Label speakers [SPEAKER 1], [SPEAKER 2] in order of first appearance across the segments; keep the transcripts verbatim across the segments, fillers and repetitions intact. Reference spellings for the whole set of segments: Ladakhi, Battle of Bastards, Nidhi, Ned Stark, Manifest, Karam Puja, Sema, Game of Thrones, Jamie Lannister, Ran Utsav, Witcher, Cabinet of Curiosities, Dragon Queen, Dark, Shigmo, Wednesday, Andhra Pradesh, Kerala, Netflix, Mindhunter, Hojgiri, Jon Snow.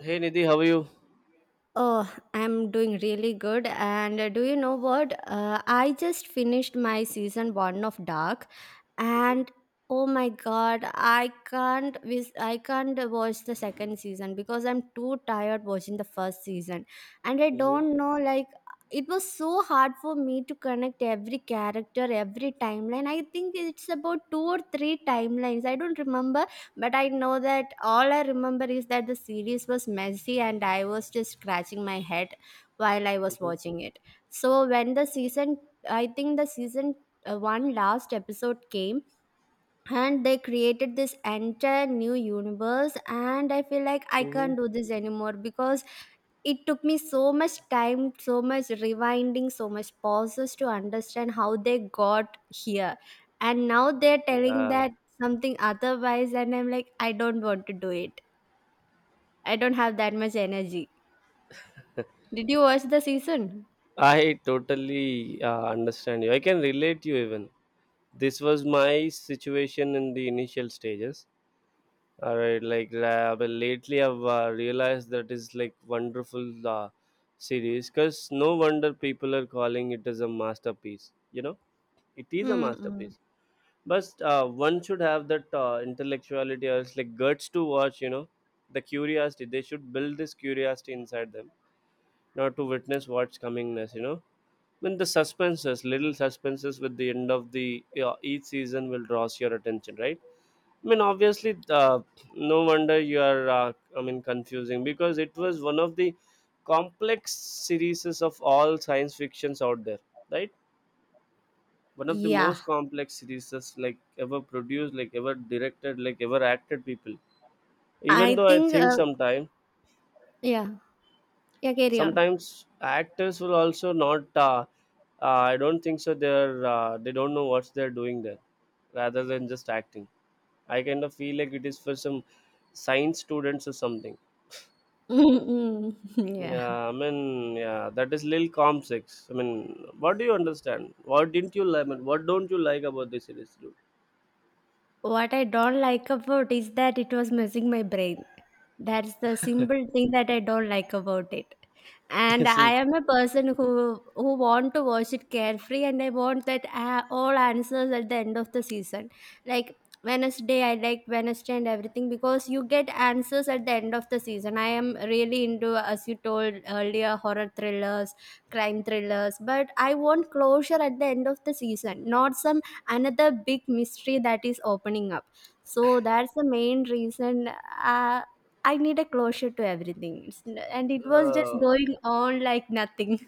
[SPEAKER 1] Hey Nidhi, how are you?
[SPEAKER 2] Oh, I'm doing really good. And uh, do you know what? Uh, I just finished my season one of Dark, and oh my god, I can't vis- I can't watch the second season because I'm too tired watching the first season, and I
[SPEAKER 1] Mm-hmm,
[SPEAKER 2] don't know, like it was so hard for me to connect every character, every timeline. I think it's about two or three timelines. I don't remember, but I know that all I remember is that the series was messy and I was just scratching my head while I was
[SPEAKER 1] mm-hmm,
[SPEAKER 2] watching it. So when the season, I think the season uh, one last episode came, and they created this entire new universe and I feel like I
[SPEAKER 1] mm-hmm.
[SPEAKER 2] can't do this anymore because it took me so much time, so much rewinding, so much pauses to understand how they got here, and now they're telling
[SPEAKER 1] Yeah,
[SPEAKER 2] that something otherwise, and I'm like, I don't want to do it. I don't have that much energy. Did you watch the season?
[SPEAKER 1] I totally uh, understand you. I can relate you even. This was my situation in the initial stages. All right, like uh, but lately I've uh, realized that is like wonderful uh, series because no wonder people are calling it as a masterpiece. You know. It is a
[SPEAKER 2] Mm-mm.
[SPEAKER 1] masterpiece. But uh, one should have that uh, intellectuality or it's like guts to watch, you know, the curiosity. They should build this curiosity inside them, not to witness what's coming next, you know. When the suspenses, little suspenses with the end of the uh, each season will draws your attention, right? I mean, obviously, uh, no wonder you are, uh, I mean, confusing because it was one of the complex series of all science fictions out there, right? One of the
[SPEAKER 2] Yeah.
[SPEAKER 1] most complex series like ever produced, like ever directed, like ever acted people, even
[SPEAKER 2] I
[SPEAKER 1] though I
[SPEAKER 2] think
[SPEAKER 1] think
[SPEAKER 2] uh,
[SPEAKER 1] sometimes
[SPEAKER 2] Yeah, yeah, carry on.
[SPEAKER 1] sometimes actors will also not uh, uh, I don't think so they're uh, they don't know what they're doing there rather than just acting. I kind of feel like it is for some science students or something.
[SPEAKER 2] Mm-mm. Yeah.
[SPEAKER 1] Yeah, I mean, yeah, that is lil com six. I mean, what do you understand? What didn't you like? I mean, what don't you like about this series?
[SPEAKER 2] What I don't like about is that it was messing my brain. That's the simple thing that I don't like about it. And
[SPEAKER 1] Dude,
[SPEAKER 2] I
[SPEAKER 1] see,
[SPEAKER 2] am a person who who want to watch it carefree, and I want that uh, all answers at the end of the season. Like Wednesday, I like Wednesday and everything because you get answers at the end of the season. I am really into, as you told earlier, horror thrillers, crime thrillers, but I want closure at the end of the season, not some another big mystery that is opening up. So that's the main reason. uh, I need a closure to everything. It's n- and it was just
[SPEAKER 1] uh,
[SPEAKER 2] going on like nothing.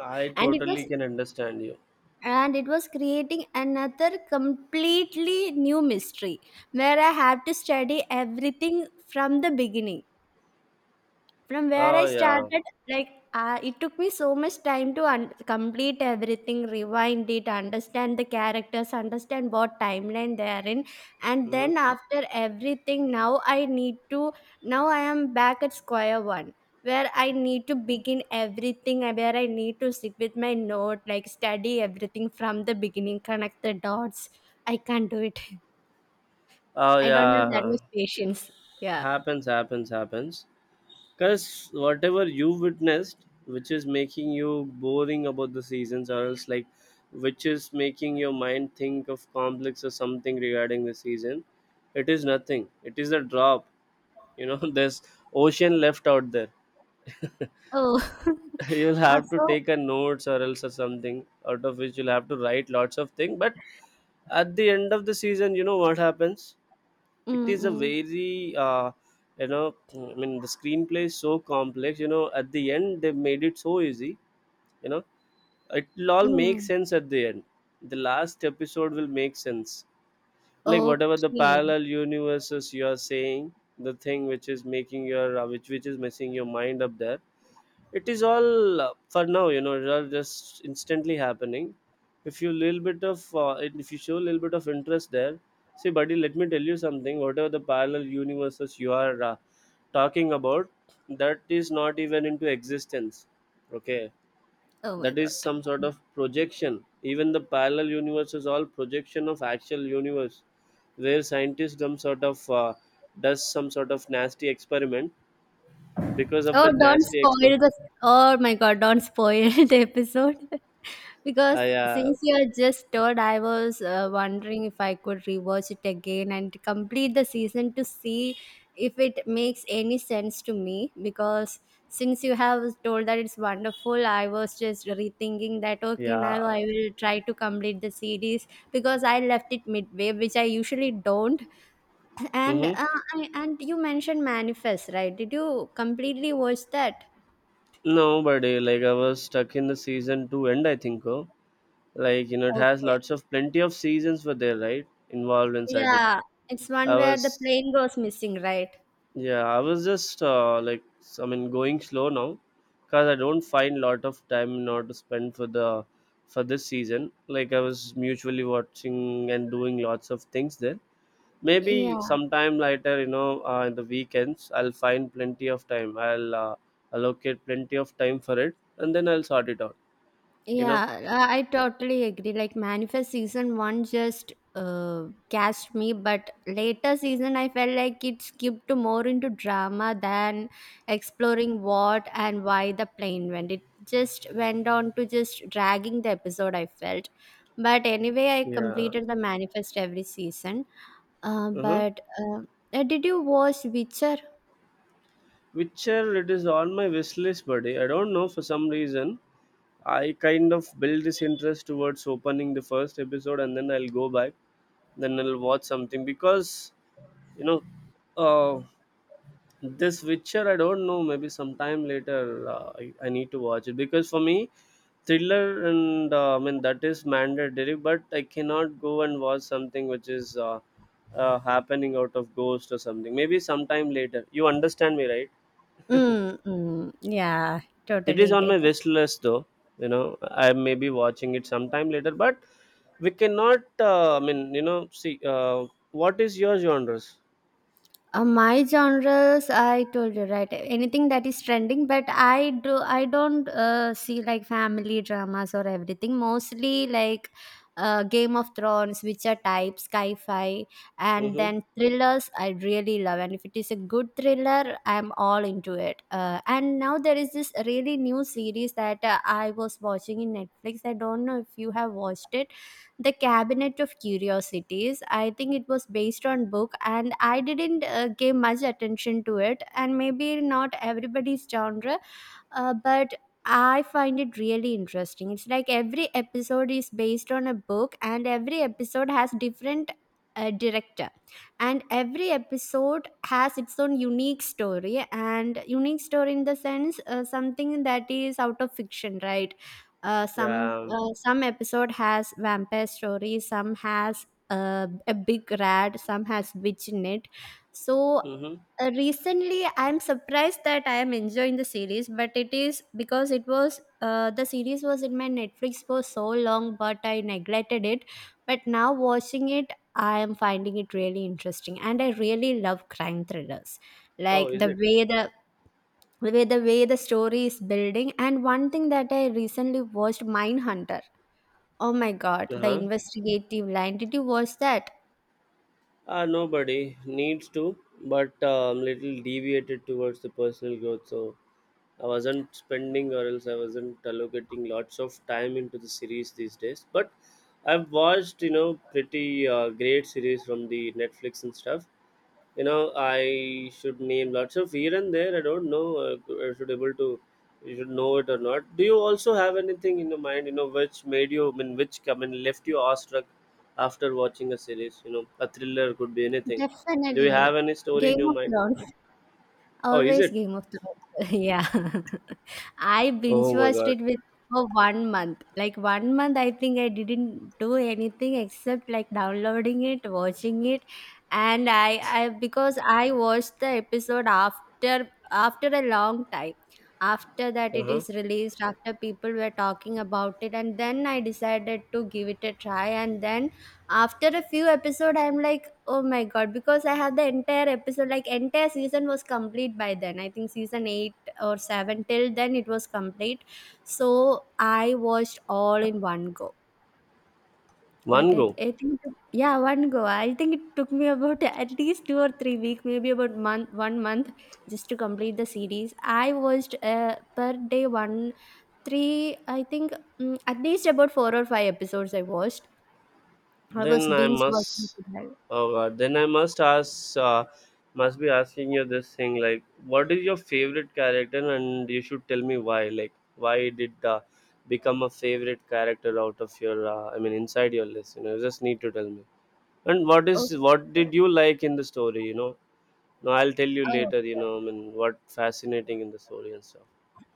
[SPEAKER 1] I
[SPEAKER 2] And it
[SPEAKER 1] totally
[SPEAKER 2] was,
[SPEAKER 1] can understand you.
[SPEAKER 2] and it was creating another completely new mystery where I have to study everything from the beginning. From where I
[SPEAKER 1] Oh yeah.
[SPEAKER 2] started, like uh, it took me so much time to un- complete everything, rewind it, understand the characters, understand what timeline they are in, and
[SPEAKER 1] Mhm.
[SPEAKER 2] then after everything, now I need to. Now I am back at square one where I need to begin everything, and where I need to sit with my note, like study everything from the beginning, connect the dots. I can't do it.
[SPEAKER 1] Oh
[SPEAKER 2] I don't have that
[SPEAKER 1] yeah.
[SPEAKER 2] much patience. Yeah.
[SPEAKER 1] Happens, happens, happens. Cause whatever you witnessed, which is making you boring about the seasons, or else like, which is making your mind think of complex or something regarding the season, it is nothing. It is a drop. You know, there's ocean left out there.
[SPEAKER 2] Oh.
[SPEAKER 1] You'll
[SPEAKER 2] Uh,
[SPEAKER 1] have to
[SPEAKER 2] so.
[SPEAKER 1] take a notes or else or something out of which you'll have to write lots of things, but at the end of the season you know what happens. It is a
[SPEAKER 2] Mm-mm.
[SPEAKER 1] very uh, you know, I mean the screenplay is so complex, you know, at the end they made it so easy, you know, it'll all make
[SPEAKER 2] Mm.
[SPEAKER 1] sense at the end. The last episode will make sense, like whatever the
[SPEAKER 2] Okay.
[SPEAKER 1] parallel universes you are saying, the thing which is making your uh, which which is messing your mind up there, it is all uh, for now, you know, it are just instantly happening. If you little bit of uh, if you show a little bit of interest there, see buddy, let me tell you something. Whatever the parallel universes you are uh, talking about, that is not even into existence, okay?
[SPEAKER 2] Oh my
[SPEAKER 1] That is
[SPEAKER 2] god.
[SPEAKER 1] some sort of projection. Even the parallel universe is all projection of actual universe, where scientists some sort of uh, does some sort of nasty experiment. Because of
[SPEAKER 2] Oh,
[SPEAKER 1] that
[SPEAKER 2] don't
[SPEAKER 1] nasty
[SPEAKER 2] spoil
[SPEAKER 1] experiment,
[SPEAKER 2] the. Oh my god, don't spoil the episode.
[SPEAKER 1] I,
[SPEAKER 2] Because
[SPEAKER 1] uh, yeah,
[SPEAKER 2] since you are just told, I was uh, wondering if I could rewatch it again and complete the season to see if it makes any sense to me. Because since you have told that it's wonderful, I was just rethinking that, okay,
[SPEAKER 1] yeah.
[SPEAKER 2] now I will try to complete the series because I left it midway, which I usually don't. And uh,
[SPEAKER 1] Mm-hmm.
[SPEAKER 2] I, and you mentioned Manifest, right? Did you completely watch that?
[SPEAKER 1] No, but uh, like I was stuck in the season two end. I think, oh, like you know, it has
[SPEAKER 2] Okay.
[SPEAKER 1] lots of plenty of seasons were there, right? Involved inside it.
[SPEAKER 2] Yeah, it's one
[SPEAKER 1] I
[SPEAKER 2] where the
[SPEAKER 1] was,
[SPEAKER 2] plane goes missing, right?
[SPEAKER 1] yeah, I was just uh, like, I mean, going slow now, cause I don't find lot of time now to spend for the for this season. Like I was mutually watching and doing lots of things there. Maybe
[SPEAKER 2] Yeah,
[SPEAKER 1] sometime later, you know, uh, in the weekends I'll find plenty of time, I'll uh, allocate plenty of time for it and then I'll sort it out, you know.
[SPEAKER 2] yeah, I I totally agree. Like Manifest season one just uh cast me, but later season I felt like it skipped more into drama than exploring what and why the plane went. It just went on to just dragging the episode, I felt. But anyway, I
[SPEAKER 1] Yeah.
[SPEAKER 2] completed the Manifest every season. Uh,
[SPEAKER 1] Uh-huh.
[SPEAKER 2] but uh, uh, did you watch Witcher?
[SPEAKER 1] Witcher, it is on my wish list buddy, I don't know, for some reason I kind of build this interest towards opening the first episode and then I'll go back, then I'll watch something because, you know, uh, this Witcher, I don't know. Maybe sometime later, uh, I, I need to watch it because for me, thriller and uh, I mean that is mandatory. But I cannot go and watch something which is uh, uh, happening out of ghost or something. Maybe sometime later. You understand me, right?
[SPEAKER 2] Mm, mm, yeah,
[SPEAKER 1] It is
[SPEAKER 2] totally
[SPEAKER 1] on
[SPEAKER 2] get.
[SPEAKER 1] my wish list, though. You know, I may be watching it sometime later. But we cannot. Uh, I mean, you know, see. Uh, what is your genres?
[SPEAKER 2] Uh, my genres, I told you, right. Anything that is trending, but I do. I don't uh, see like family dramas or everything. Mostly like uh, Game of Thrones, Witcher type, sci-fi, and
[SPEAKER 1] Mm-hmm.
[SPEAKER 2] then thrillers. I really love, and if it is a good thriller, I'm all into it. Uh, and now there is this really new series that uh, I was watching in Netflix. I don't know if you have watched it, the Cabinet of Curiosities. I think it was based on book and I didn't uh, give much attention to it, and maybe not everybody's genre, uh, but I find it really interesting. It's like every episode is based on a book, and every episode has different uh, director, and every episode has its own unique story, and unique story in the sense uh, something that is out of fiction, right? Uh, some
[SPEAKER 1] Yeah.
[SPEAKER 2] uh, some episode has vampire story, some has uh, a big rat, some has witch in it. So
[SPEAKER 1] Mm-hmm.
[SPEAKER 2] uh, recently, I'm surprised that I am enjoying the series, but it is because it was uh, the series was in my Netflix for so long, but I neglected it. But now watching it, I am finding it really interesting, and I really love crime thrillers,
[SPEAKER 1] Oh,
[SPEAKER 2] like
[SPEAKER 1] is
[SPEAKER 2] the
[SPEAKER 1] it?
[SPEAKER 2] way the the way the way the story is building. And one thing that I recently watched, Mindhunter. Oh my God, the
[SPEAKER 1] Uh-huh.
[SPEAKER 2] investigative line. Did you watch that?
[SPEAKER 1] Uh, nobody needs to, but uh, I'm little deviated towards the personal growth. So I wasn't spending, or else I wasn't allocating lots of time into the series these days. But I've watched, you know, pretty uh, great series from the Netflix and stuff. You know, I should name lots of here and there. I don't know. uh, I should able to. You should know it or not. Do you also have anything in your mind? You know, which made you. I mean, which come and left you awestruck after watching a series. You know, a thriller could be anything. Do you
[SPEAKER 2] Definitely.
[SPEAKER 1] have any story in
[SPEAKER 2] Game
[SPEAKER 1] your
[SPEAKER 2] of
[SPEAKER 1] mind?
[SPEAKER 2] Thrones.
[SPEAKER 1] Oh, is
[SPEAKER 2] Always
[SPEAKER 1] it?
[SPEAKER 2] Game of Thrones. Yeah. I binge
[SPEAKER 1] Oh my
[SPEAKER 2] watched
[SPEAKER 1] God.
[SPEAKER 2] it with for one month. Like one month, I think I didn't do anything except like downloading it, watching it, and I, I because I watched the episode after after a long time. After that,
[SPEAKER 1] Uh
[SPEAKER 2] it
[SPEAKER 1] huh.
[SPEAKER 2] is released. After people were talking about it, and then I decided to give it a try. And then after a few episodes, I'm like, oh my god, because I had the entire episode, like entire season was complete by then. I think season eight or seven, till then it was complete. So I watched all in one go. like i,
[SPEAKER 1] Mango.
[SPEAKER 2] I think, yeah, one go. I think it took me about at least two or three week, maybe about month one month, just to complete the series. I watched uh, per day one three, I think. Mm, at least about four or five episodes I watched. I was
[SPEAKER 1] Then I
[SPEAKER 2] binge watching
[SPEAKER 1] must,
[SPEAKER 2] it.
[SPEAKER 1] oh God, then I must ask, uh, must be asking you this thing like, what is your favorite character, and you should tell me why. Like, why did uh, become a favorite character out of your, uh, I mean, inside your list? You know, you just need to tell me. And what is
[SPEAKER 2] Okay.
[SPEAKER 1] what did you like in the story? You know, no, I'll tell you later. You
[SPEAKER 2] Oh.
[SPEAKER 1] know, I mean, what fascinating in the story and stuff.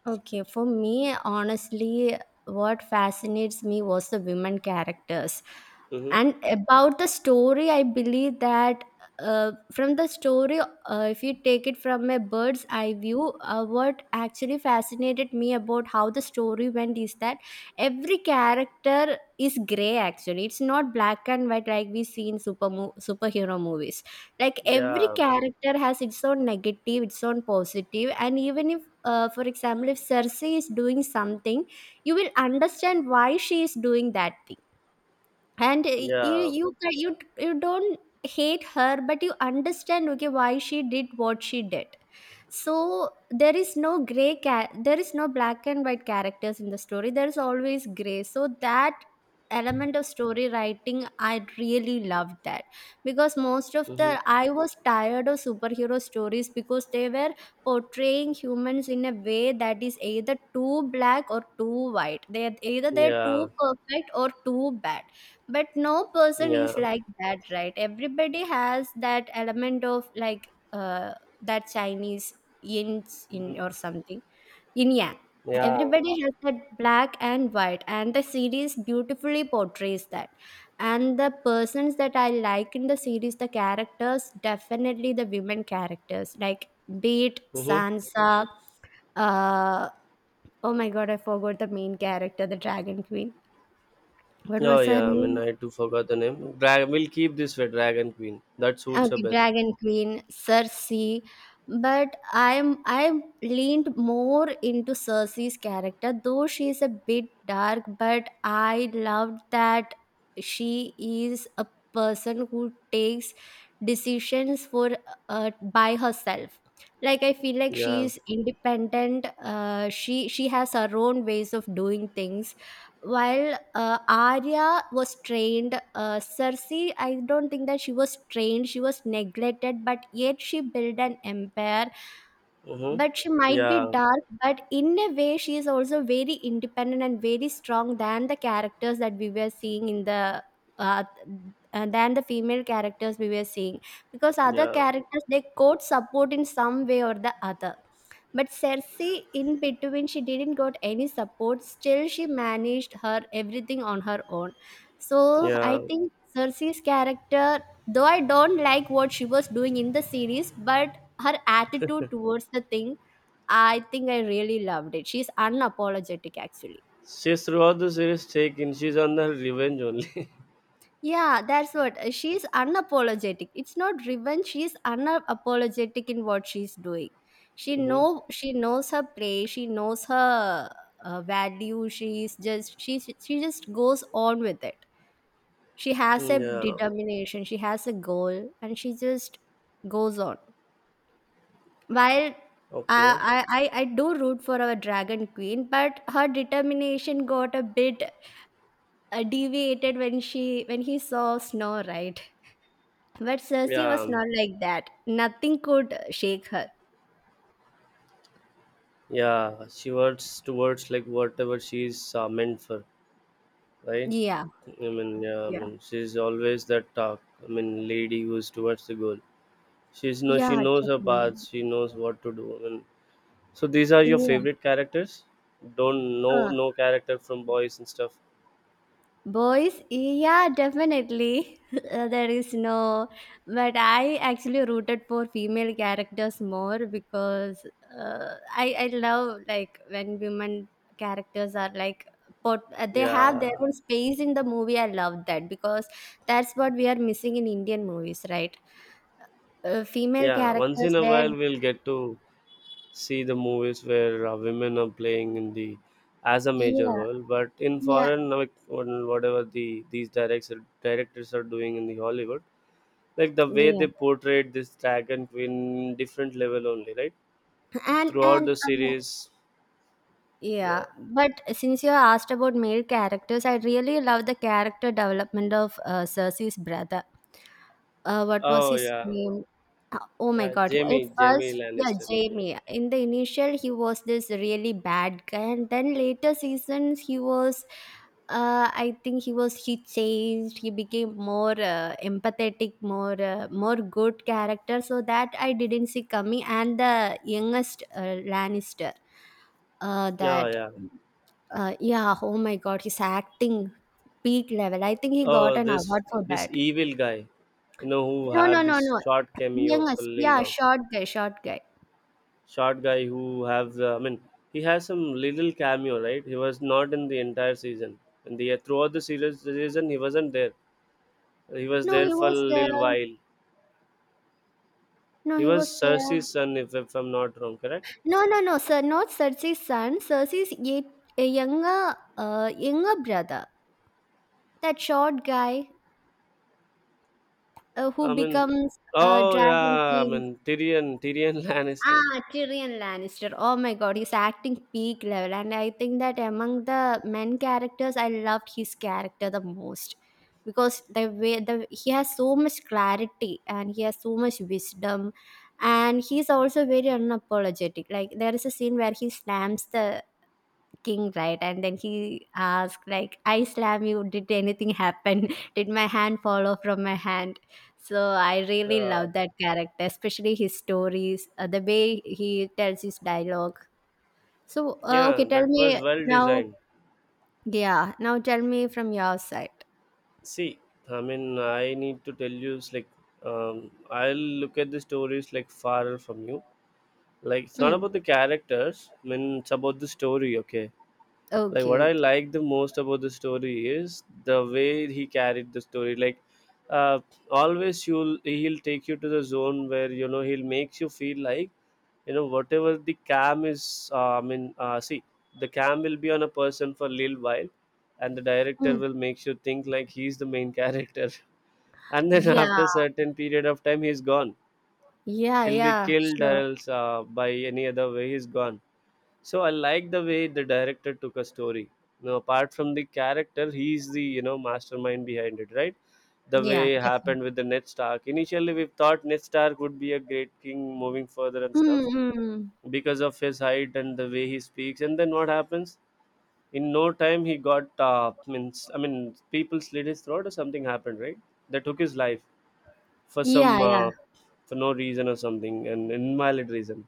[SPEAKER 2] Okay, for me, honestly, what fascinates me was the women characters.
[SPEAKER 1] Mm-hmm.
[SPEAKER 2] And about the story, I believe that uh, from the story, uh, if you take it from a bird's eye view, uh, what actually fascinated me about how the story went is that every character is gray, actually. It's not black and white like we see in super mo- superhero movies. Like every
[SPEAKER 1] Yeah,
[SPEAKER 2] character has its own negative, its own positive, and even if, uh, for example, if Cersei is doing something, you will understand why she is doing that thing. and uh, you
[SPEAKER 1] yeah,
[SPEAKER 2] you ca- you you don't hate her, but you understand, okay, why she did what she did. So there is no gray ca- there is no black and white characters in the story, there is always gray. So that element of story writing, I really loved that. Because most of the,
[SPEAKER 1] mm-hmm.
[SPEAKER 2] I was tired of superhero stories because they were portraying humans in a way that is either too black or too white. They are either they're
[SPEAKER 1] Yeah,
[SPEAKER 2] too perfect or too bad, but no person
[SPEAKER 1] yeah,
[SPEAKER 2] is like that, right? Everybody has that element of like, uh, that Chinese yin in or
[SPEAKER 1] mm-hmm.
[SPEAKER 2] something. Yin yang.
[SPEAKER 1] Yeah.
[SPEAKER 2] Everybody has that black and white, and the series beautifully portrays that. And the persons that I like in the series, the characters, definitely the women characters, like be it
[SPEAKER 1] Mm-hmm.
[SPEAKER 2] Sansa, uh oh my god, I forgot the main character, the Dragon Queen. What
[SPEAKER 1] Oh
[SPEAKER 2] was her
[SPEAKER 1] yeah, I mean
[SPEAKER 2] name?
[SPEAKER 1] I too forgot the name. Drag, we'll keep this way, Dragon Queen. That suits her
[SPEAKER 2] Okay,
[SPEAKER 1] best.
[SPEAKER 2] Dragon Queen, Cersei. But I'm, I leaned more into Cersei's character. Though she is a bit dark, but I loved that she is a person who takes decisions for, uh, by herself. Like I feel like she
[SPEAKER 1] Yeah.
[SPEAKER 2] is independent. Uh, she she has her own ways of doing things. While uh, Arya was trained, uh, Cersei, I don't think that she was trained, she was neglected, but yet she built an empire.
[SPEAKER 1] Mm-hmm.
[SPEAKER 2] But she might be
[SPEAKER 1] Yeah.
[SPEAKER 2] dark, but in a way, she is also very independent and very strong than the characters that we were seeing in the. Uh, uh, than the female characters we were seeing, because other
[SPEAKER 1] Yeah.
[SPEAKER 2] characters they could support in some way or the other, but Cersei, in between, she didn't got any support. Still, she managed her everything on her own. So
[SPEAKER 1] Yeah.
[SPEAKER 2] I think Cersei's character, though I don't like what she was doing in the series, but her attitude towards the thing, I think I really loved it. She's unapologetic, actually.
[SPEAKER 1] She's throughout the series taken. She's on her revenge only.
[SPEAKER 2] Yeah, that's what, uh, she's unapologetic. It's not revenge. She's unapologetic in what she's doing. She
[SPEAKER 1] Mm-hmm.
[SPEAKER 2] know she knows her place. She knows her uh, value. She's just, she she just goes on with it. She has
[SPEAKER 1] Mm,
[SPEAKER 2] a
[SPEAKER 1] yeah.
[SPEAKER 2] determination. She has a goal, and she just goes on. While
[SPEAKER 1] Okay.
[SPEAKER 2] I I I I do root for our Dragon Queen, but her determination got a bit uh, deviated when she when he saw Snow, right? But Cersei
[SPEAKER 1] Yeah.
[SPEAKER 2] was
[SPEAKER 1] um,
[SPEAKER 2] not like that. Nothing could shake her.
[SPEAKER 1] Yeah. She works towards like whatever she's uh, meant for, right?
[SPEAKER 2] Yeah,
[SPEAKER 1] I mean, yeah. I
[SPEAKER 2] yeah,
[SPEAKER 1] mean, she's always that talk. I mean, lady who's towards the goal. She's no. She
[SPEAKER 2] yeah,
[SPEAKER 1] knows her
[SPEAKER 2] definitely.
[SPEAKER 1] path. She knows what to do. I mean, so these are your
[SPEAKER 2] Yeah.
[SPEAKER 1] favorite characters? Don't know
[SPEAKER 2] Uh,
[SPEAKER 1] no character from boys and stuff.
[SPEAKER 2] Boys, yeah, definitely. Uh, there is no, but I actually rooted for female characters more because uh, I I love like when women characters are like. But they have their
[SPEAKER 1] Yeah,
[SPEAKER 2] own space in the movie. I love that because that's what we are missing in Indian movies, right? Uh, female
[SPEAKER 1] yeah. Once
[SPEAKER 2] characters,
[SPEAKER 1] in a
[SPEAKER 2] they
[SPEAKER 1] while, we'll get to see the movies where uh, women are playing in the as a major
[SPEAKER 2] Yeah,
[SPEAKER 1] role. But in
[SPEAKER 2] yeah,
[SPEAKER 1] foreign, like when- whatever the these directs directors are doing in the Hollywood, like the way they
[SPEAKER 2] yeah,
[SPEAKER 1] portrayed this dragon queen, different level only, right?
[SPEAKER 2] and
[SPEAKER 1] Throughout
[SPEAKER 2] and
[SPEAKER 1] the
[SPEAKER 2] uh,
[SPEAKER 1] series,
[SPEAKER 2] yeah,
[SPEAKER 1] yeah.
[SPEAKER 2] but since you asked about male characters, I really love the character development of uh, Cersei's brother. Uh, what was
[SPEAKER 1] Oh
[SPEAKER 2] his
[SPEAKER 1] yeah,
[SPEAKER 2] name? Uh, Oh my
[SPEAKER 1] uh,
[SPEAKER 2] god. At
[SPEAKER 1] Jamie, Jamie
[SPEAKER 2] first, yeah,
[SPEAKER 1] Lannister movie.
[SPEAKER 2] Jamie. In the initial, he was this really bad guy, and then later seasons, he was. Uh, I think he was he changed. He became more uh, empathetic, more uh, more good character. So that I didn't see coming. And the youngest uh, Lannister. Uh,
[SPEAKER 1] Oh
[SPEAKER 2] that
[SPEAKER 1] yeah.
[SPEAKER 2] uh, yeah, oh my God, his acting peak level. I think he got
[SPEAKER 1] Uh
[SPEAKER 2] an
[SPEAKER 1] this
[SPEAKER 2] award for
[SPEAKER 1] this
[SPEAKER 2] that.
[SPEAKER 1] evil guy, you know, who
[SPEAKER 2] No, no,
[SPEAKER 1] have
[SPEAKER 2] no,
[SPEAKER 1] this
[SPEAKER 2] no.
[SPEAKER 1] short cameo for
[SPEAKER 2] Youngest,
[SPEAKER 1] lil
[SPEAKER 2] yeah,
[SPEAKER 1] Jon.
[SPEAKER 2] short guy, short guy.
[SPEAKER 1] Short guy who have uh, I mean he has some little cameo, right? He was not in the entire season and the throughout the series season he wasn't there. He was
[SPEAKER 2] No,
[SPEAKER 1] there
[SPEAKER 2] he
[SPEAKER 1] for a
[SPEAKER 2] was
[SPEAKER 1] little
[SPEAKER 2] there.
[SPEAKER 1] while.
[SPEAKER 2] No,
[SPEAKER 1] He
[SPEAKER 2] he
[SPEAKER 1] was
[SPEAKER 2] was there.
[SPEAKER 1] Cersei's son, if, if I'm not wrong, correct?
[SPEAKER 2] No, no, no, sir. Not Cersei's son. Cersei's yet a younger, uh, younger brother. That short guy uh,
[SPEAKER 1] I
[SPEAKER 2] who
[SPEAKER 1] mean,
[SPEAKER 2] becomes a
[SPEAKER 1] oh
[SPEAKER 2] dragon
[SPEAKER 1] yeah, I
[SPEAKER 2] queen.
[SPEAKER 1] mean Tyrion, tyrion Lannister.
[SPEAKER 2] Ah, Tyrion Lannister. Oh my god, he's acting peak level. And I think that among the men characters, I loved his character the most. Because the way the he has so much clarity and he has so much wisdom. And he's also very unapologetic. Like there is a scene where he slams the king, right? And then he asked like, I slam you, did anything happen? Did my hand fall off from my hand? So I really
[SPEAKER 1] uh,
[SPEAKER 2] love that character, especially his stories. Uh, the way he tells his dialogue. So uh, okay,
[SPEAKER 1] yeah,
[SPEAKER 2] tell
[SPEAKER 1] that
[SPEAKER 2] me
[SPEAKER 1] was well
[SPEAKER 2] now.
[SPEAKER 1] designed.
[SPEAKER 2] Yeah, now tell me from your side.
[SPEAKER 1] See, I mean, I need to tell you, it's like, um, I'll look at the stories like far from you. Like, it's not
[SPEAKER 2] Mm.
[SPEAKER 1] about the characters, I mean, it's about the story, okay? Like
[SPEAKER 2] Okay,
[SPEAKER 1] what I
[SPEAKER 2] okay.
[SPEAKER 1] like the most about the story is the way he carried the story. Like, uh, always you'll he'll take you to the zone where you know he'll makes you feel like, you know, whatever the cam is, uh, I mean, uh, see, the cam will be on a person for a little while and the director
[SPEAKER 2] Mm.
[SPEAKER 1] will make you think like he's the main character. And then
[SPEAKER 2] Yeah,
[SPEAKER 1] after a certain period of time he's gone.
[SPEAKER 2] yeah,
[SPEAKER 1] He'll be
[SPEAKER 2] yeah,
[SPEAKER 1] killed or
[SPEAKER 2] sure.
[SPEAKER 1] else uh, by any other way he's gone. So I like the way the director took a story. You know, apart from the character, he's the, you know, mastermind behind it, right? The
[SPEAKER 2] Yeah,
[SPEAKER 1] way it
[SPEAKER 2] definitely.
[SPEAKER 1] happened with the Ned Stark. Initially, we thought Ned Stark would be a great king moving further and
[SPEAKER 2] Mm,
[SPEAKER 1] stuff
[SPEAKER 2] mm.
[SPEAKER 1] because of his height and the way he speaks. And then what happens? In no time, he got uh, means, I mean, people slit his throat or something happened, right? They took his life for
[SPEAKER 2] Yeah,
[SPEAKER 1] some
[SPEAKER 2] yeah,
[SPEAKER 1] uh, for no reason or something, an invalid reason,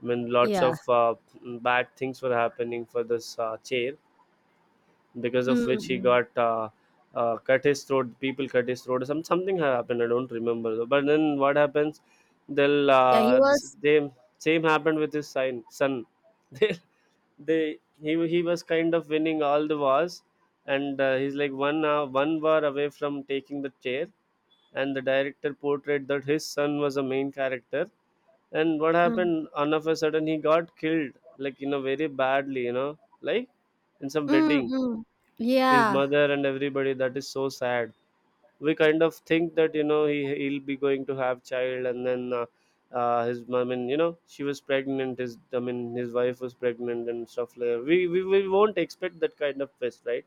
[SPEAKER 1] when lots
[SPEAKER 2] yeah.
[SPEAKER 1] of uh, bad things were happening for this uh, chair, because of
[SPEAKER 2] Mm,
[SPEAKER 1] which he
[SPEAKER 2] mm.
[SPEAKER 1] got uh, uh, cut his throat, people cut his throat, some, something happened, I don't remember though. But then what happens, they'll
[SPEAKER 2] Yeah, he
[SPEAKER 1] uh, this is-
[SPEAKER 2] was.
[SPEAKER 1] they same happened with his son son they, they he, he was kind of winning all the wars and uh, he's like one uh, one war away from taking the chair, and the director portrayed that his son was a main character. And what
[SPEAKER 2] Mm.
[SPEAKER 1] happened? All of a sudden, he got killed, like you know, very badly. You know, like in some
[SPEAKER 2] Mm,
[SPEAKER 1] wedding,
[SPEAKER 2] mm.
[SPEAKER 1] his
[SPEAKER 2] Yeah,
[SPEAKER 1] mother and everybody. That is so sad. We kind of think that you know he he'll be going to have child, and then uh, uh, his mom. I mean, you know, she was pregnant. His I mean, his wife was pregnant and stuff like that. We we, we won't expect that kind of twist, right?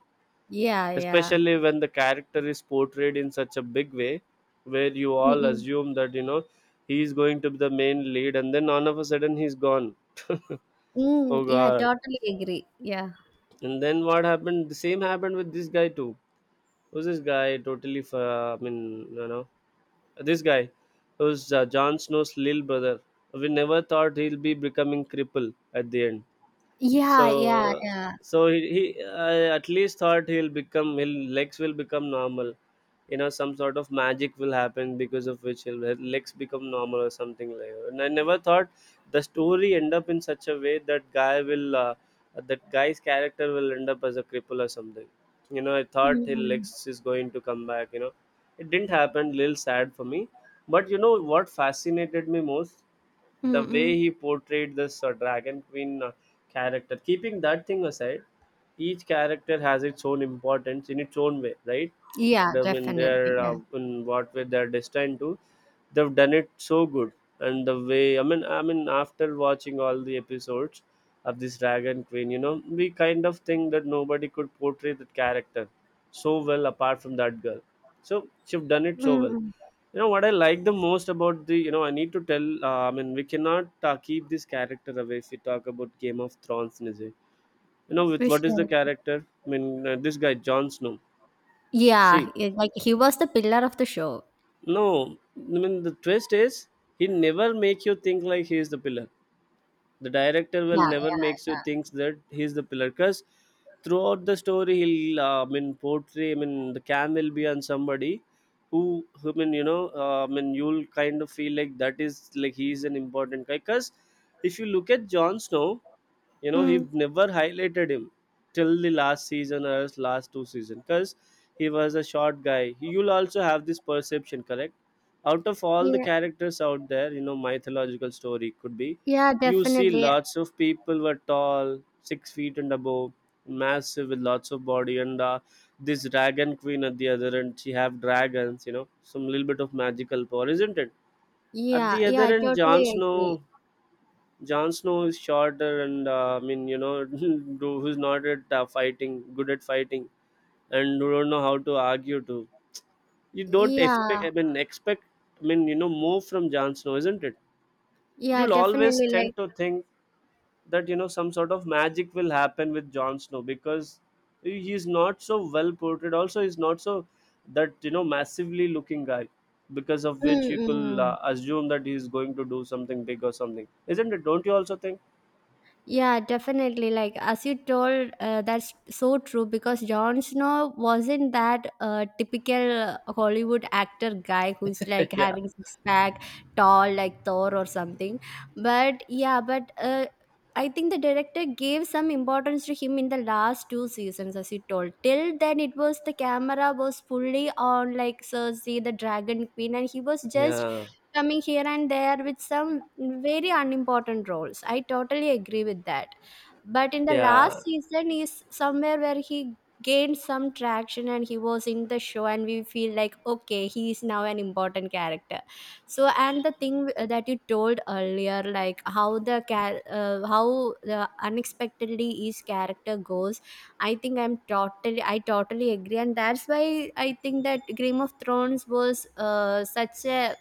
[SPEAKER 2] yeah, yeah.
[SPEAKER 1] Especially when the character is portrayed in such a big way, where you
[SPEAKER 2] Mm,
[SPEAKER 1] all
[SPEAKER 2] mm.
[SPEAKER 1] assume that you know he is going to be the main lead, and then all of a sudden he's gone.
[SPEAKER 2] Mm,
[SPEAKER 1] Oh
[SPEAKER 2] yeah,
[SPEAKER 1] God!
[SPEAKER 2] totally agree. Yeah.
[SPEAKER 1] And then what happened? The same happened with this guy too. Was this guy totally? f- Uh, I mean, you know, this guy was uh, Jon Snow's little brother. We never thought he'll be becoming cripple at the end. so
[SPEAKER 2] Yeah, yeah, yeah.
[SPEAKER 1] so he, he I at least thought he'll become his legs will become normal, you know, some sort of magic will happen because of which he'll, his legs become normal or something like that. And I never thought the story end up in such a way that guy will uh, that guy's character will end up as a cripple or something. You know, I
[SPEAKER 2] Mm,
[SPEAKER 1] thought his
[SPEAKER 2] mm.
[SPEAKER 1] legs is going to come back, you know. It didn't happen, little sad for me. But you know what fascinated me most,
[SPEAKER 2] Mm,
[SPEAKER 1] the way
[SPEAKER 2] mm.
[SPEAKER 1] he portrayed this uh, dragon queen uh, character. Keeping that thing aside, each character has its own importance in its own way, right?
[SPEAKER 2] Yeah,
[SPEAKER 1] The when
[SPEAKER 2] definitely.
[SPEAKER 1] they're
[SPEAKER 2] Yeah.
[SPEAKER 1] uh, in what way they're destined to, they've done it so good. And the way, i mean i mean after watching all the episodes of this dragon queen, you know, we kind of think that nobody could portray that character so well apart from that girl. So she've done it so
[SPEAKER 2] Mm,
[SPEAKER 1] well.
[SPEAKER 2] mm.
[SPEAKER 1] You know what I like the most about the, you know, I need to tell, uh, I mean, we cannot uh, keep this character away if we talk about Game of Thrones, Nizzy. You know, with
[SPEAKER 2] For
[SPEAKER 1] what is the
[SPEAKER 2] sure.
[SPEAKER 1] character? I mean, uh, this guy Jon Snow.
[SPEAKER 2] Yeah,
[SPEAKER 1] See,
[SPEAKER 2] yeah, like he was the pillar of the show.
[SPEAKER 1] no, I mean the twist is he never make you think like he is the pillar. The director will never
[SPEAKER 2] Yeah,
[SPEAKER 1] makes you think that he's the pillar, because throughout the story he'll uh, i mean portray, I mean the cam will be on somebody who, who I mean, you know, uh, i mean you'll kind of feel like that is like he's an important guy. Because if you look at Jon Snow, you
[SPEAKER 2] yeah.
[SPEAKER 1] know he
[SPEAKER 2] Mm.
[SPEAKER 1] never highlighted him till the last season, or else last two season, because he was a short guy. You'll also have this perception, correct? Out of all the
[SPEAKER 2] Yeah,
[SPEAKER 1] characters out there, you know, mythological story could be,
[SPEAKER 2] yeah,
[SPEAKER 1] you see
[SPEAKER 2] definitely.
[SPEAKER 1] lots of people were tall, six feet and above, massive with lots of body, and uh, this dragon queen at the other end. She have dragons, you know, some little bit of magical power, isn't it? At
[SPEAKER 2] Yeah,
[SPEAKER 1] the
[SPEAKER 2] yeah,
[SPEAKER 1] other
[SPEAKER 2] I
[SPEAKER 1] end, Jon
[SPEAKER 2] totally agree.
[SPEAKER 1] Snow. Jon Snow is shorter, and uh, I mean, you know, who's not at uh, fighting, good at fighting, and who don't know how to argue to. You don't
[SPEAKER 2] Yeah,
[SPEAKER 1] expect, I mean, expect, I mean, you know, more from Jon Snow, isn't it?
[SPEAKER 2] yeah,
[SPEAKER 1] You'll always
[SPEAKER 2] definitely. Like,
[SPEAKER 1] tend to think that, you know, some sort of magic will happen with Jon Snow because he- he's not so well portrayed. Also, he's not so that, you know, massively looking guy, because of which you
[SPEAKER 2] mm,
[SPEAKER 1] could
[SPEAKER 2] mm.
[SPEAKER 1] uh, assume that he's going to do something big or something, isn't it? Don't you also think?
[SPEAKER 2] Yeah, definitely. Like as you told, uh, that's so true because Jon Snow wasn't that uh, typical Hollywood actor guy who's like
[SPEAKER 1] Yeah,
[SPEAKER 2] having six pack, tall like Thor or something. But yeah, but uh, I think the director gave some importance to him in the last two seasons, as you told. Till then, it was the camera was fully on like Cersei, the Dragon Queen, and he was just
[SPEAKER 1] yeah,
[SPEAKER 2] coming here and there with some very unimportant roles. I totally agree with that. But in the last
[SPEAKER 1] yeah,
[SPEAKER 2] season, is somewhere where he gained some traction and he was in the show, and we feel like, okay, he is now an important character. So, and the thing w- that you told earlier, like how the char- uh, how the unexpectedly each character goes, I think I'm totally, I totally agree, and that's why I think that Game of Thrones was uh, such a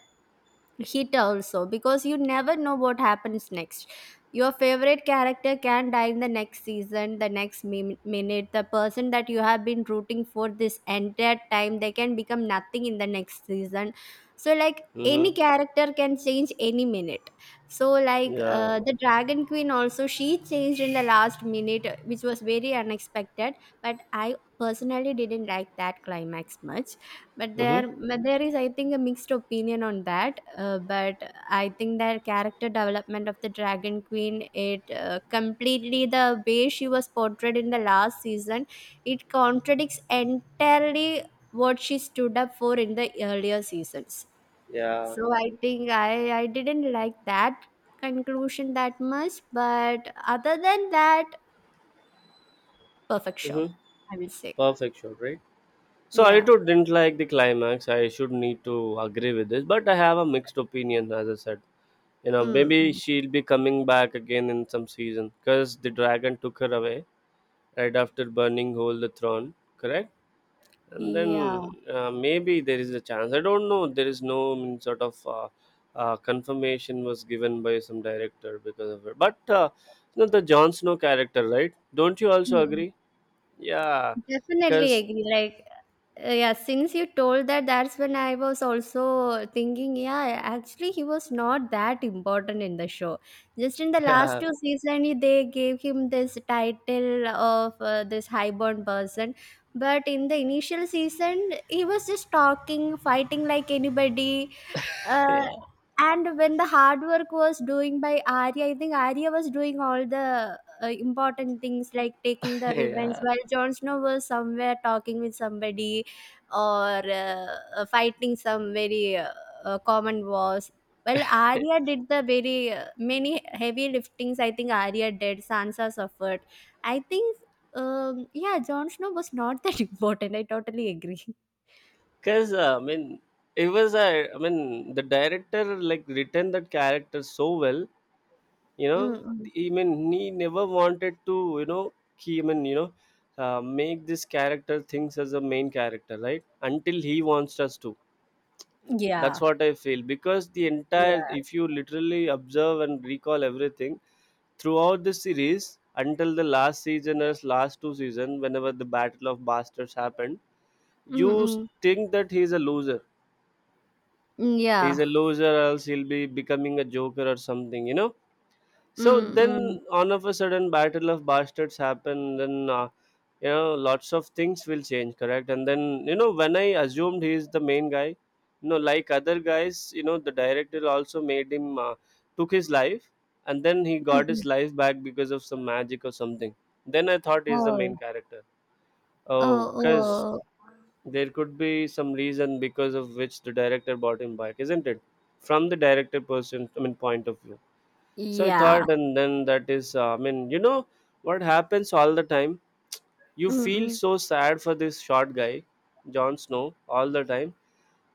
[SPEAKER 2] hit also because you never know what happens next. Your favorite character can die in the next season, the next mi- minute. The person that you have been rooting for this entire time, they can become nothing in the next season. So like any
[SPEAKER 1] mm-hmm.
[SPEAKER 2] character can change any minute. So like
[SPEAKER 1] Yeah,
[SPEAKER 2] uh, the dragon queen also, she changed in the last minute, which was very unexpected. But I personally didn't like that climax much. but
[SPEAKER 1] mm-hmm.
[SPEAKER 2] there, but there is, I think, a mixed opinion on that. Uh, but I think that character development of the Dragon Queen, it uh, completely the way she was portrayed in the last season, it contradicts entirely what she stood up for in the earlier seasons.
[SPEAKER 1] Yeah,
[SPEAKER 2] So I think I I didn't like that conclusion that much. But other than that, perfect show,
[SPEAKER 1] mm-hmm.
[SPEAKER 2] I will say.
[SPEAKER 1] Perfect shot, right? So I
[SPEAKER 2] Yeah.
[SPEAKER 1] too didn't like the climax. I should need to agree with this, but I have a mixed opinion, as I said. You know,
[SPEAKER 2] Mm.
[SPEAKER 1] maybe she'll be coming back again in some season, because the dragon took her away right after burning whole the throne, correct? And
[SPEAKER 2] Yeah.
[SPEAKER 1] then uh, maybe there is a chance. I don't know. There is no mm, sort of uh, uh, confirmation was given by some director because of her. But uh, you know, the Jon Snow character, right? Don't you also agree? Yeah,
[SPEAKER 2] Definitely
[SPEAKER 1] because
[SPEAKER 2] agree. Like, uh, yeah, since you told that, that's when I was also thinking, yeah, actually, he was not that important in the show. Just in the last
[SPEAKER 1] yeah,
[SPEAKER 2] two seasons, they gave him this title of uh, this highborn person. But in the initial season, he was just talking, fighting like anybody, uh,
[SPEAKER 1] yeah,
[SPEAKER 2] and when the hard work was doing by Arya, I think Arya was doing all the uh, important things like taking the revenge,
[SPEAKER 1] yeah.
[SPEAKER 2] while Jon Snow was somewhere talking with somebody or uh, uh, fighting some very uh, uh, common wars. Well, Arya did the very uh, many heavy liftings. I think Arya did. Sansa suffered. I think, um, yeah, Jon Snow was not that important. I totally agree.
[SPEAKER 1] Because uh, I mean, it was a. I mean, the director like written that character so well, you know.
[SPEAKER 2] Mm-mm.
[SPEAKER 1] I mean, he never wanted to, you know, he I mean you know uh, make this character things as a main character, right, until he wants us to. That's
[SPEAKER 2] Yeah,
[SPEAKER 1] what I feel, because the entire,
[SPEAKER 2] yeah.
[SPEAKER 1] if you literally observe and recall everything throughout the series, until the last season or last two season, whenever the battle of bastards happened, you
[SPEAKER 2] Mm-mm.
[SPEAKER 1] think that he's a loser.
[SPEAKER 2] Mm, yeah.
[SPEAKER 1] He's a loser else he'll be becoming a joker or something, you know. So
[SPEAKER 2] Mm,
[SPEAKER 1] then
[SPEAKER 2] mm.
[SPEAKER 1] all of a sudden battle of bastards happen, then uh, you know, lots of things will change, correct? And then you know, when I assumed he is the main guy, you know, like other guys, you know the director also made him uh, took his life, and then he got
[SPEAKER 2] Mm,
[SPEAKER 1] his life back because of some magic or something. Then I thought he's the
[SPEAKER 2] oh.
[SPEAKER 1] main character. Oh,
[SPEAKER 2] Oh,
[SPEAKER 1] because
[SPEAKER 2] oh.
[SPEAKER 1] there could be some reason because of which the director bought him back, isn't it? From the director person, i mean point of view. So I
[SPEAKER 2] Yeah.
[SPEAKER 1] thought, and then that is, uh, I mean, you know, what happens all the time? You
[SPEAKER 2] Mm,
[SPEAKER 1] feel
[SPEAKER 2] mm.
[SPEAKER 1] so sad for this short guy, Jon Snow, all the time,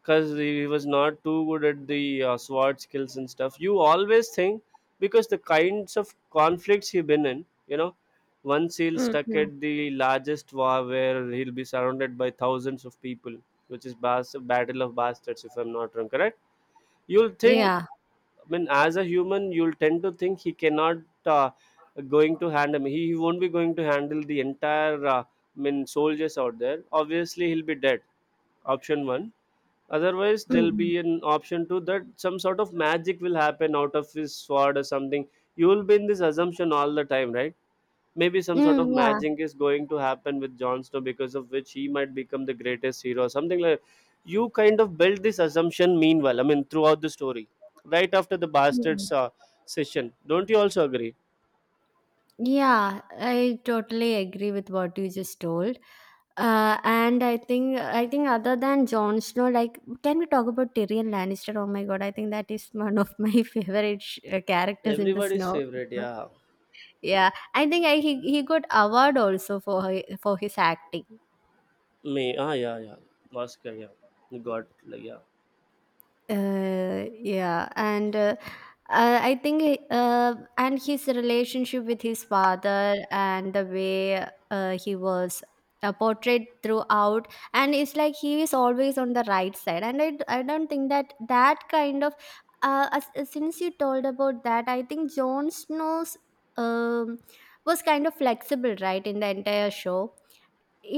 [SPEAKER 1] because he was not too good at the uh, sword skills and stuff. You always think, because the kinds of conflicts he's been in, you know, once he'll stuck
[SPEAKER 2] Mm,
[SPEAKER 1] at the largest war where he'll be surrounded by thousands of people, which is Bas- Battle of Bastards, if I'm not wrong, correct? You'll think,
[SPEAKER 2] yeah.
[SPEAKER 1] I mean, as a human, you'll tend to think he cannot uh, going to handle. He, he won't be going to handle the entire. Uh, I mean, soldiers out there. Obviously, he'll be dead. Option one. Otherwise,
[SPEAKER 2] Mm,
[SPEAKER 1] there'll
[SPEAKER 2] mm.
[SPEAKER 1] be an option two, that some sort of magic will happen out of his sword or something. You will be in this assumption all the time, right? Maybe some sort
[SPEAKER 2] Mm,
[SPEAKER 1] of
[SPEAKER 2] yeah.
[SPEAKER 1] magic is going to happen with Jon Snow, because of which he might become the greatest hero, something like, you kind of build this assumption meanwhile, I mean, throughout the story, right after the
[SPEAKER 2] Mm,
[SPEAKER 1] bastards
[SPEAKER 2] mm.
[SPEAKER 1] uh, session. Don't you also agree?
[SPEAKER 2] Yeah, I totally agree with what you just told. Uh, and I think I think other than Jon Snow, like, can we talk about Tyrion Lannister? Oh my God, I think that is one of my favorite sh- uh, characters in the
[SPEAKER 1] Everybody's
[SPEAKER 2] Snow.
[SPEAKER 1] favorite, yeah.
[SPEAKER 2] Yeah, I think I, he he got award also for hi- for his acting.
[SPEAKER 1] Me, ah, yeah, yeah, Oscar, yeah, you got, like, yeah.
[SPEAKER 2] Uh, yeah, and uh, uh, I think he- uh, and his relationship with his father and the way uh, he was uh, portrayed throughout, and it's like he is always on the right side, and I, d- I don't think that that kind of uh, as, as- since you told about that, I think Jon Snow's um, was kind of flexible, right, in the entire show.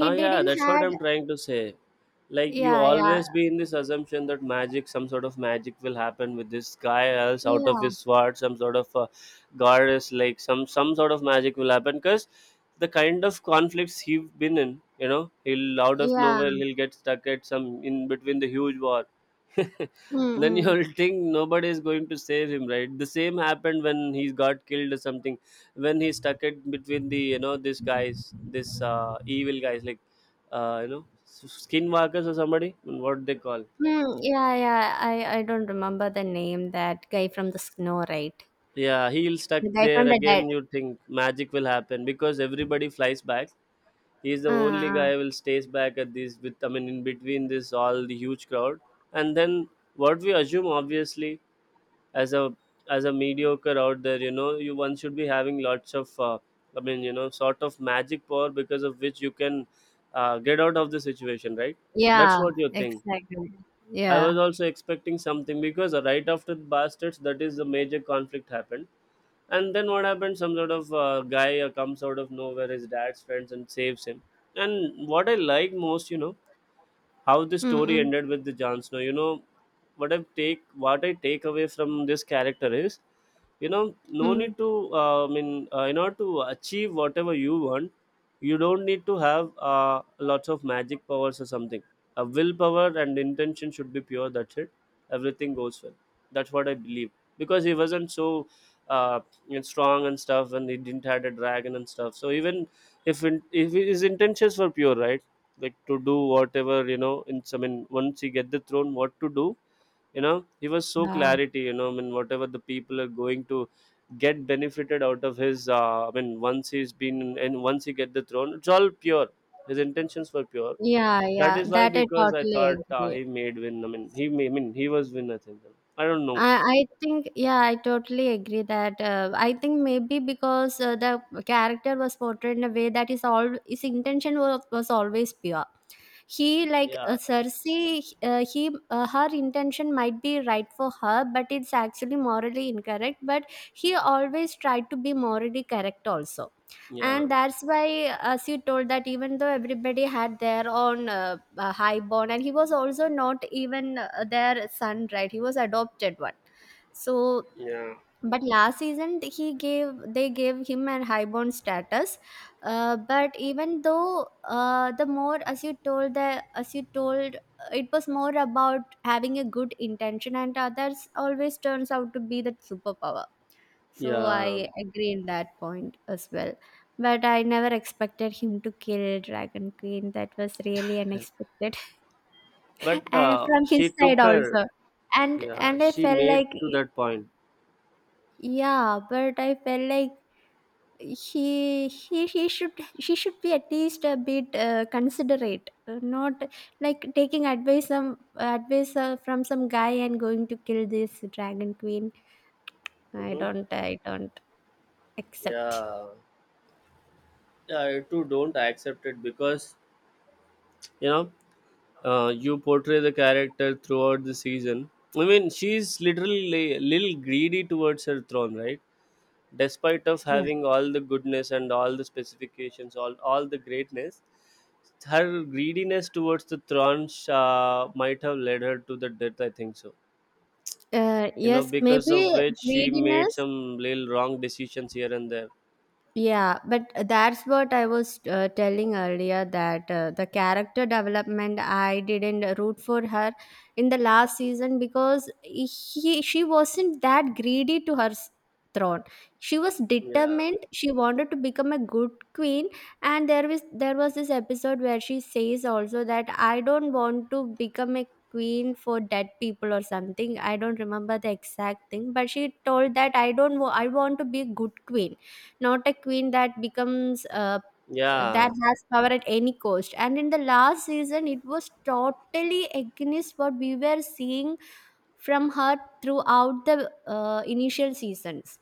[SPEAKER 1] Ah, yeah,
[SPEAKER 2] didn't
[SPEAKER 1] that's what
[SPEAKER 2] had.
[SPEAKER 1] I'm trying to say. Like, you
[SPEAKER 2] Yeah, yeah,
[SPEAKER 1] always be in this assumption that magic, some sort of magic, will happen with this guy, else out of his
[SPEAKER 2] yeah,
[SPEAKER 1] sword, some sort of uh, goddess, like some some sort of magic will happen. Cause the kind of conflicts he've been in, you know, he'll out of nowhere
[SPEAKER 2] yeah.
[SPEAKER 1] he'll get stuck at some in between the huge wall. Then
[SPEAKER 2] Mm-mm.
[SPEAKER 1] you'll think nobody is going to save him, right? The same happened when he got killed or something, when he stuck it between the, you know, these guys, this uh, evil guys, like, uh, you know, s- skinwalkers or somebody, what they call.
[SPEAKER 2] Mm, yeah, yeah. I I don't remember the name. That guy from the snow, right?
[SPEAKER 1] Yeah, he'll stuck
[SPEAKER 2] The guy
[SPEAKER 1] there
[SPEAKER 2] from the dead.
[SPEAKER 1] again, you think magic will happen because everybody flies back, he's the
[SPEAKER 2] Uh,
[SPEAKER 1] only
[SPEAKER 2] uh,
[SPEAKER 1] guy who will stays back at this, with, i mean in between this, all the huge crowd. And then what we assume, obviously, as a as a mediocre out there, you know, you one should be having lots of uh, i mean you know, sort of magic power because of which you can uh, get out of the situation, right?
[SPEAKER 2] yeah,
[SPEAKER 1] That's what you think.
[SPEAKER 2] exactly.
[SPEAKER 1] I
[SPEAKER 2] Yeah.
[SPEAKER 1] was also expecting something, because uh, right after the bastards, that is the major conflict happened. And then what happened, some sort of uh, guy uh, comes out of nowhere, his dad's friends, and saves him. And what I like most, you know, how the story
[SPEAKER 2] Mm-mm.
[SPEAKER 1] ended with the Jon Snow. You know, what I take, what I take away from this character is, you know,
[SPEAKER 2] Mm,
[SPEAKER 1] no
[SPEAKER 2] mm, mm.
[SPEAKER 1] need to. Uh, I mean, uh, in order to achieve whatever you want, you don't need to have uh, lots of magic powers or something. A willpower and intention should be pure. That's it. Everything goes well. That's what I believe. Because he wasn't so uh, you know, strong and stuff, and he didn't had a dragon and stuff. So even if in, if his intentions were pure, right? Like, to do whatever, you know, in I mean, once he get the throne, what to do. You know, he was so
[SPEAKER 2] Yeah.
[SPEAKER 1] clarity, you know, I mean, whatever the people are going to get benefited out of his uh, i mean once he's been and once he get the throne, it's all pure. His intentions were pure.
[SPEAKER 2] Yeah,
[SPEAKER 1] That
[SPEAKER 2] yeah.
[SPEAKER 1] is why,
[SPEAKER 2] That I
[SPEAKER 1] because I
[SPEAKER 2] totally
[SPEAKER 1] thought uh,
[SPEAKER 2] agree.
[SPEAKER 1] he made win I mean he may, I mean he was win, I think. I don't know.
[SPEAKER 2] I, I think yeah, I totally agree that uh, I think maybe because uh, the character was portrayed in a way that is all his intention was, was always pure. He like
[SPEAKER 1] Yeah,
[SPEAKER 2] uh, cersei uh, he uh, her intention might be right for her but it's actually morally incorrect, but he always tried to be morally correct also.
[SPEAKER 1] yeah,
[SPEAKER 2] And that's why, as you told, that even though everybody had their own uh, uh, highborn and he was also not even uh, their son, right? He was adopted one. So
[SPEAKER 1] yeah,
[SPEAKER 2] but last season, he gave they gave him an highborn status. Uh, but even though, uh, the more as you told the as you told, it was more about having a good intention, and others always turns out to be that superpower. So
[SPEAKER 1] yeah.
[SPEAKER 2] I agree in that point as well. But I never expected him to kill Dragon Queen. That was really unexpected.
[SPEAKER 1] But
[SPEAKER 2] And
[SPEAKER 1] uh,
[SPEAKER 2] from
[SPEAKER 1] she
[SPEAKER 2] his side
[SPEAKER 1] took her.
[SPEAKER 2] also. And
[SPEAKER 1] Yeah,
[SPEAKER 2] and I
[SPEAKER 1] she
[SPEAKER 2] felt
[SPEAKER 1] made
[SPEAKER 2] like,
[SPEAKER 1] to that point.
[SPEAKER 2] yeah, but I felt like he he he should she should be at least a bit uh, considerate, uh, not like taking advice some advice uh, from some guy and going to kill this dragon queen. i
[SPEAKER 1] Hmm.
[SPEAKER 2] don't i don't accept.
[SPEAKER 1] Yeah, I too don't accept it, because, you know, uh, you portray the character throughout the season. I mean, she's literally a little greedy towards her throne, right? Despite of
[SPEAKER 2] Yeah.
[SPEAKER 1] having all the goodness and all the specifications, all all the greatness, her greediness towards the throne uh, might have led her to the death. I think so.
[SPEAKER 2] Uh,
[SPEAKER 1] You know,
[SPEAKER 2] yes,
[SPEAKER 1] because of
[SPEAKER 2] maybe
[SPEAKER 1] which she made
[SPEAKER 2] greediness.
[SPEAKER 1] some little wrong decisions here and there.
[SPEAKER 2] Yeah, but that's what I was uh, telling earlier, that uh, the character development, I didn't root for her in the last season because he she wasn't that greedy to her s- throne. She was
[SPEAKER 1] Yeah,
[SPEAKER 2] determined. She wanted to become a good queen, and there was there was this episode where she says also that I don't want to become a queen for dead people or something. I don't remember the exact thing, but she told that I don't wa- I want to be a good queen, not a queen that becomes uh, that
[SPEAKER 1] yeah,
[SPEAKER 2] has power at any cost. And in the last season, it was totally against what we were seeing from her throughout the uh, initial seasons.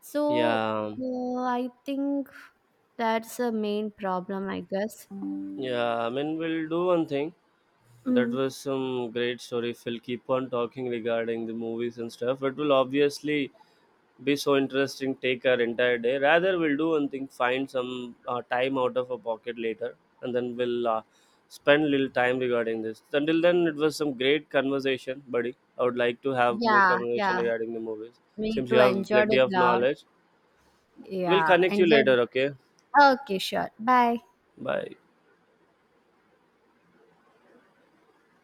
[SPEAKER 2] So
[SPEAKER 1] yeah,
[SPEAKER 2] uh, I think that's a main problem, I guess.
[SPEAKER 1] yeah. I mean, we'll do one thing. That
[SPEAKER 2] Mm.
[SPEAKER 1] was some great story, Phil. Keep on talking regarding the movies and stuff. It will obviously be so interesting, take our entire day. Rather, we'll do one thing, find some uh, time out of our pocket later, and then we'll uh, spend little time regarding this. Until then, it was some great conversation, buddy. I would like to have more
[SPEAKER 2] Yeah,
[SPEAKER 1] conversation
[SPEAKER 2] yeah.
[SPEAKER 1] regarding the movies.
[SPEAKER 2] Me
[SPEAKER 1] Since
[SPEAKER 2] too.
[SPEAKER 1] you have
[SPEAKER 2] Enjoyed
[SPEAKER 1] plenty
[SPEAKER 2] it
[SPEAKER 1] of
[SPEAKER 2] a lot.
[SPEAKER 1] knowledge, we'll
[SPEAKER 2] Yeah,
[SPEAKER 1] connect you
[SPEAKER 2] enjoyed.
[SPEAKER 1] later, okay?
[SPEAKER 2] Okay, sure. Bye.
[SPEAKER 1] Bye.